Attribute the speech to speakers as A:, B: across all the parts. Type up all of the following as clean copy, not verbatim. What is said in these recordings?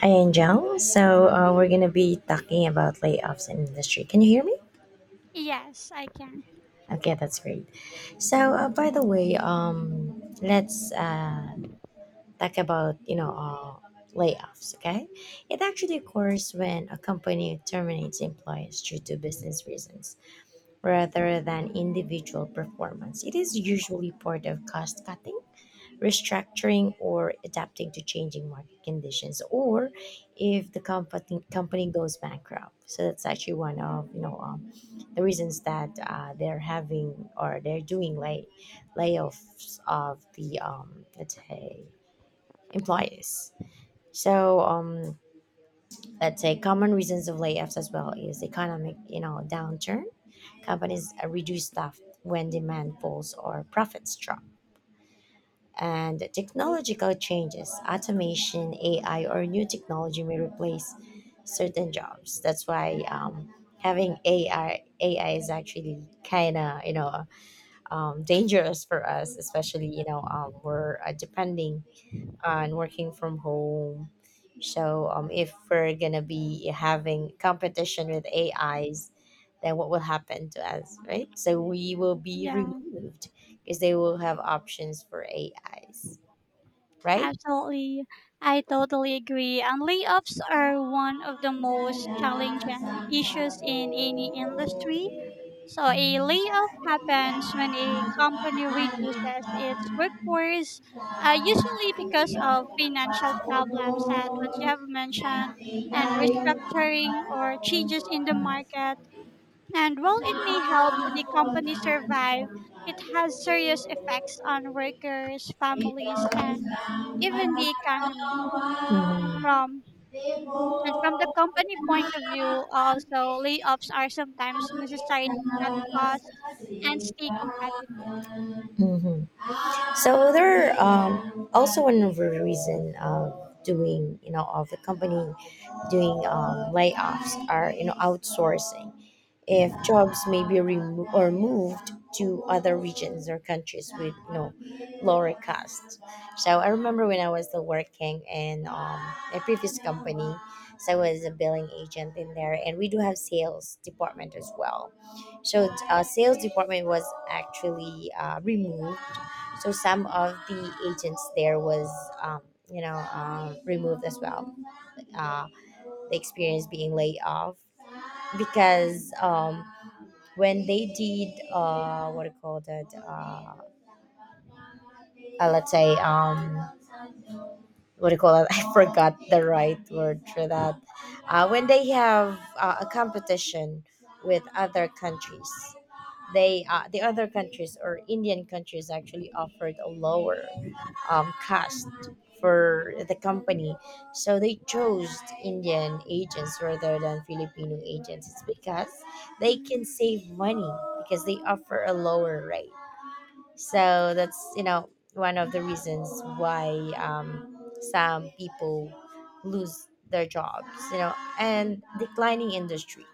A: Hi, Angel. We're going to be talking about layoffs in industry. Can you hear me?
B: Yes, I can.
A: Okay, that's great. By the way, let's talk about, layoffs, okay? It actually occurs when a company terminates employees due to business reasons rather than individual performance. It is usually part of cost cutting, restructuring, or adapting to changing market conditions, or if the company goes bankrupt. So that's actually one of, the reasons that they're having, or they're doing layoffs of the, let's say, employees. So let's say, common reasons of layoffs as well is economic, you know, downturn. Companies reduce staff when demand falls or profits drop. And technological changes, automation, AI, or new technology may replace certain jobs. That's why, having AI is actually kind of, you know, dangerous for us, especially, you know, we're depending on working from home. So if we're gonna be having competition with AIs, then what will happen to us, right? So we will be
B: Yeah,
A: removed because they will have options for AIs, right?
B: absolutely. I totally agree. And layoffs are one of the most challenging issues in any industry. So a
A: Mhm.
B: layoff happens when a company reduces its workforce, usually because of financial problems, as what you have mentioned, and restructuring or changes in the market. And while it may help the company survive, it has serious effects on workers, families, and even the economy. So from the company point of view, also layoffs are sometimes necessary at costs and stay competitive.
A: Mhm. So there are, also another reason of doing, you know, of the company doing, layoffs, or you know, outsourcing. If jobs may be removed or moved to other regions or countries with, you know, lower costs. So I remember when I was still working in, a previous company. So I was a billing agent in there, and we do have sales department as well. So sales department was actually removed. So some of the agents there was, um, you know, removed as well. uh, the experience being laid off, because, when they did, what do you call that, let's say, what do you call it? I forgot the right word for that. When they have a competition with other countries, they the other countries, or Indian countries, actually offered a lower, cost for the company, so they chose Indian agents rather than Filipino agents. It's because they can
B: Mm,
A: save money, because they offer a lower rate. So that's, you know, one of the reasons why, um, some people lose their jobs. You know, and declining industry.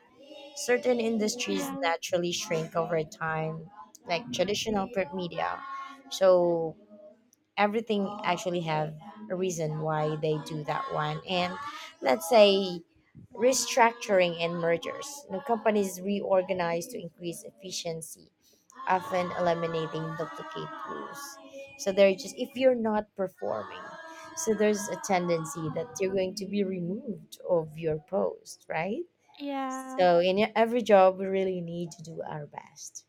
A: Certain industries
B: yeah,
A: naturally shrink over time, like traditional print media. So everything actually have a reason why they do that one. And let's say, restructuring and mergers, you know, companies reorganize to increase efficiency, often eliminating duplicate rules. So they're just, if you're not performing, so there's a tendency that you're going to be removed of your post, right?
B: yeah.
A: So in every job we really need to do our best.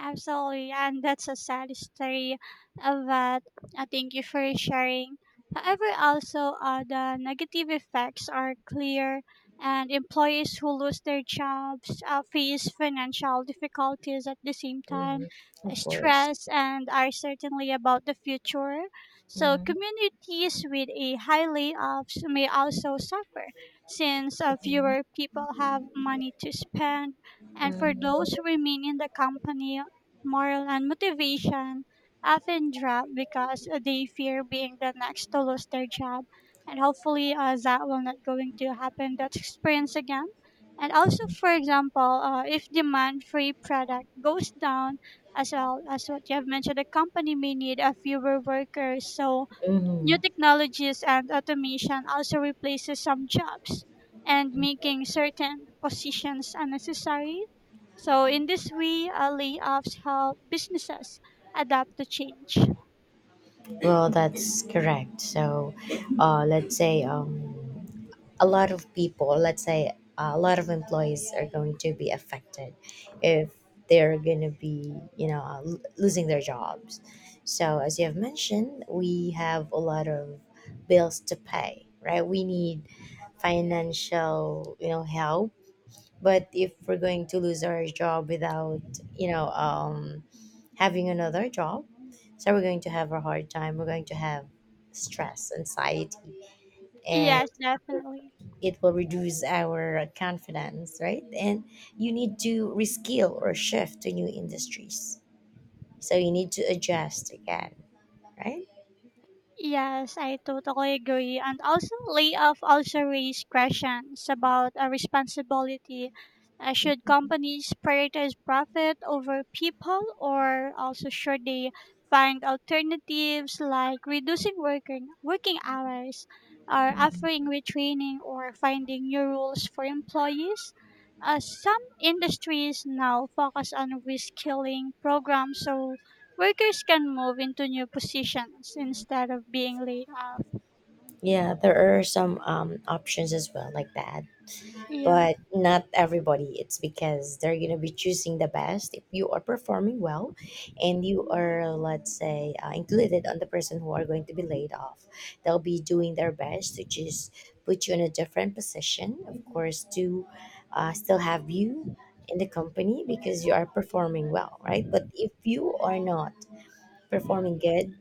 B: Absolutely, and that's a sad story of that. Thank you for sharing. However, also the negative effects are clear, and employees who lose their jobs face financial difficulties at the same time,
A: Mhm. Of course.
B: stress, and are certainly about the future. So,
A: Mhm.
B: communities with a high layoffs may also suffer, since
A: Mhm.
B: fewer people have money to spend, and for
A: Mhm.
B: those who remain in the company, moral and motivation often drop because they fear being the next to lose their job. And hopefully, that will not going to happen that experience again. And also, for example, if demand free product goes down, as well as what you have mentioned, the company may need a fewer workers. So new
A: Mhm.
B: technologies and automation also replaces some jobs and making certain positions unnecessary. So in this way, layoffs help businesses adapt to change.
A: Well, that's correct. Let's say, a lot of people, let's say a lot of employees are going to be affected if they're going to be, you know, losing their jobs. So, as you have mentioned, we have a lot of bills to pay, right? We need financial, you know, help, but if we're going to lose our job without, you know um, having another job, so we're going to have a hard time, we're going to have stress, anxiety, and
B: Yes,
A: it,
B: definitely.
A: it will reduce our confidence, right? And you need to reskill or shift to new industries, so you need to adjust again, right?
B: Yes, I totally agree. And also, layoff also raise questions about a responsibility. Should companies prioritize profit over people, or also should they find alternatives like reducing working hours, or
A: Mhm.
B: offering retraining, or finding new rules for employees? Some industries now focus on reskilling programs, so workers can move into new positions instead of being laid off.
A: Yeah, there are some, options as well like that.
B: Yeah.
A: But not everybody. It's because they're going to be choosing the best. If you are performing well, and you are, let's say, included on the person who are going to be laid off, they'll be doing their best to just put you in a different position, of course, to still have you in the company, because you are performing well, right? But if you are not performing good,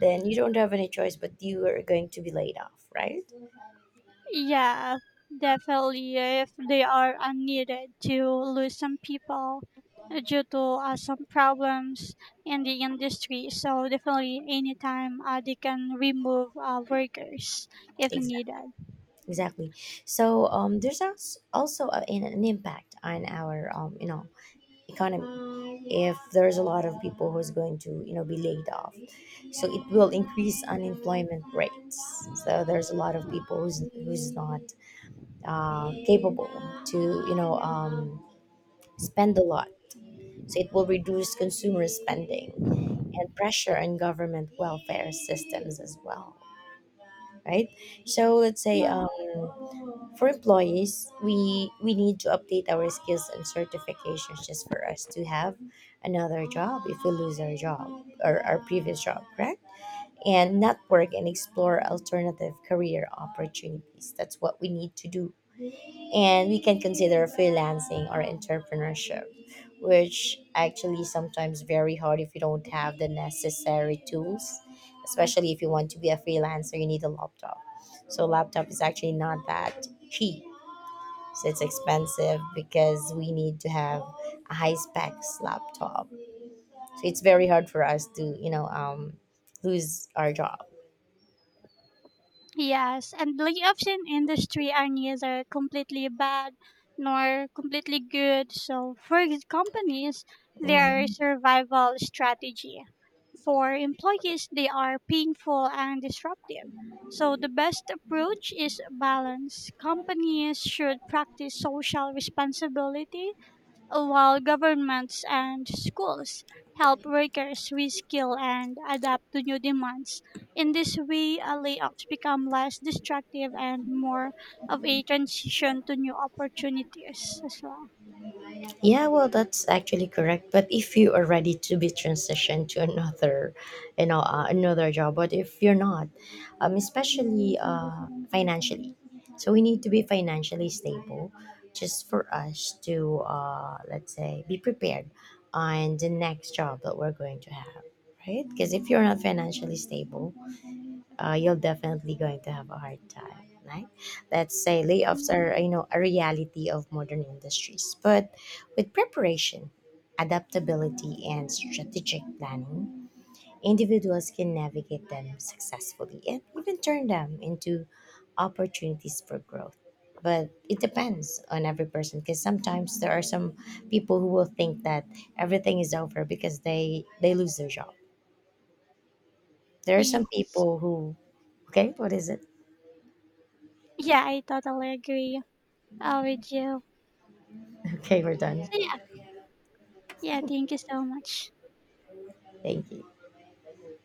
A: then you don't have any choice but you are going to be laid off, right?
B: Yeah, definitely. If they are unneeded to lose some people due to some problems in the industry. So definitely anytime they can remove workers if needed.
A: Exactly. Exactly. So there's also a, an impact on our, you know, economy. If there's a lot of people who's going to, you know, be laid off, so it will increase unemployment rates. So there's a lot of people who's not capable to, you know um, spend a lot. So it will reduce consumer spending and pressure on government welfare systems as well, right? So let's say,
B: Yeah.
A: for employees, we need to update our skills and certifications just for us to have another job if we lose our job, or our previous job, correct? And network and explore alternative career opportunities. That's what we need to do. And we can consider freelancing or entrepreneurship, which actually sometimes very hard if you don't have the necessary tools. Especially if you want to be a freelancer, you need a laptop. So laptop is actually not that cheap, so it's expensive, because we need to have a high specs laptop. So it's very hard for us to, you know, lose our job.
B: Yes, and layoffs in industry are neither completely bad nor completely good. So for these companies, they are a
A: Mhm.
B: survival strategy. For employees, they are painful and disruptive. So the best approach is balance. Companies should practice social responsibility while governments and schools help workers reskill and adapt to new demands. In this way, layoffs become less destructive and more of a transition to new opportunities as well.
A: Yeah, well, that's actually correct. But if you are ready to be transitioned to another, you know, another job, but if you're not, especially financially, so we need to be financially stable, just for us to, let's say, be prepared on the next job that we're going to have, right? Because if you're not financially stable, you're definitely going to have a hard time, right? Let's say, layoffs are,
B: Yeah,
A: you know, a reality of modern industries, but with preparation, adaptability, and strategic planning, individuals can navigate them successfully and even turn them into opportunities for growth. But it depends on every person, because sometimes there are some people who will think that everything is over because they lose their job. There are
B: Ye-
A: some people who, okay, what is it?
B: yeah, I totally agree with you.
A: Okay, we're done.
B: So, yeah, yeah, thank you so much.
A: Thank you.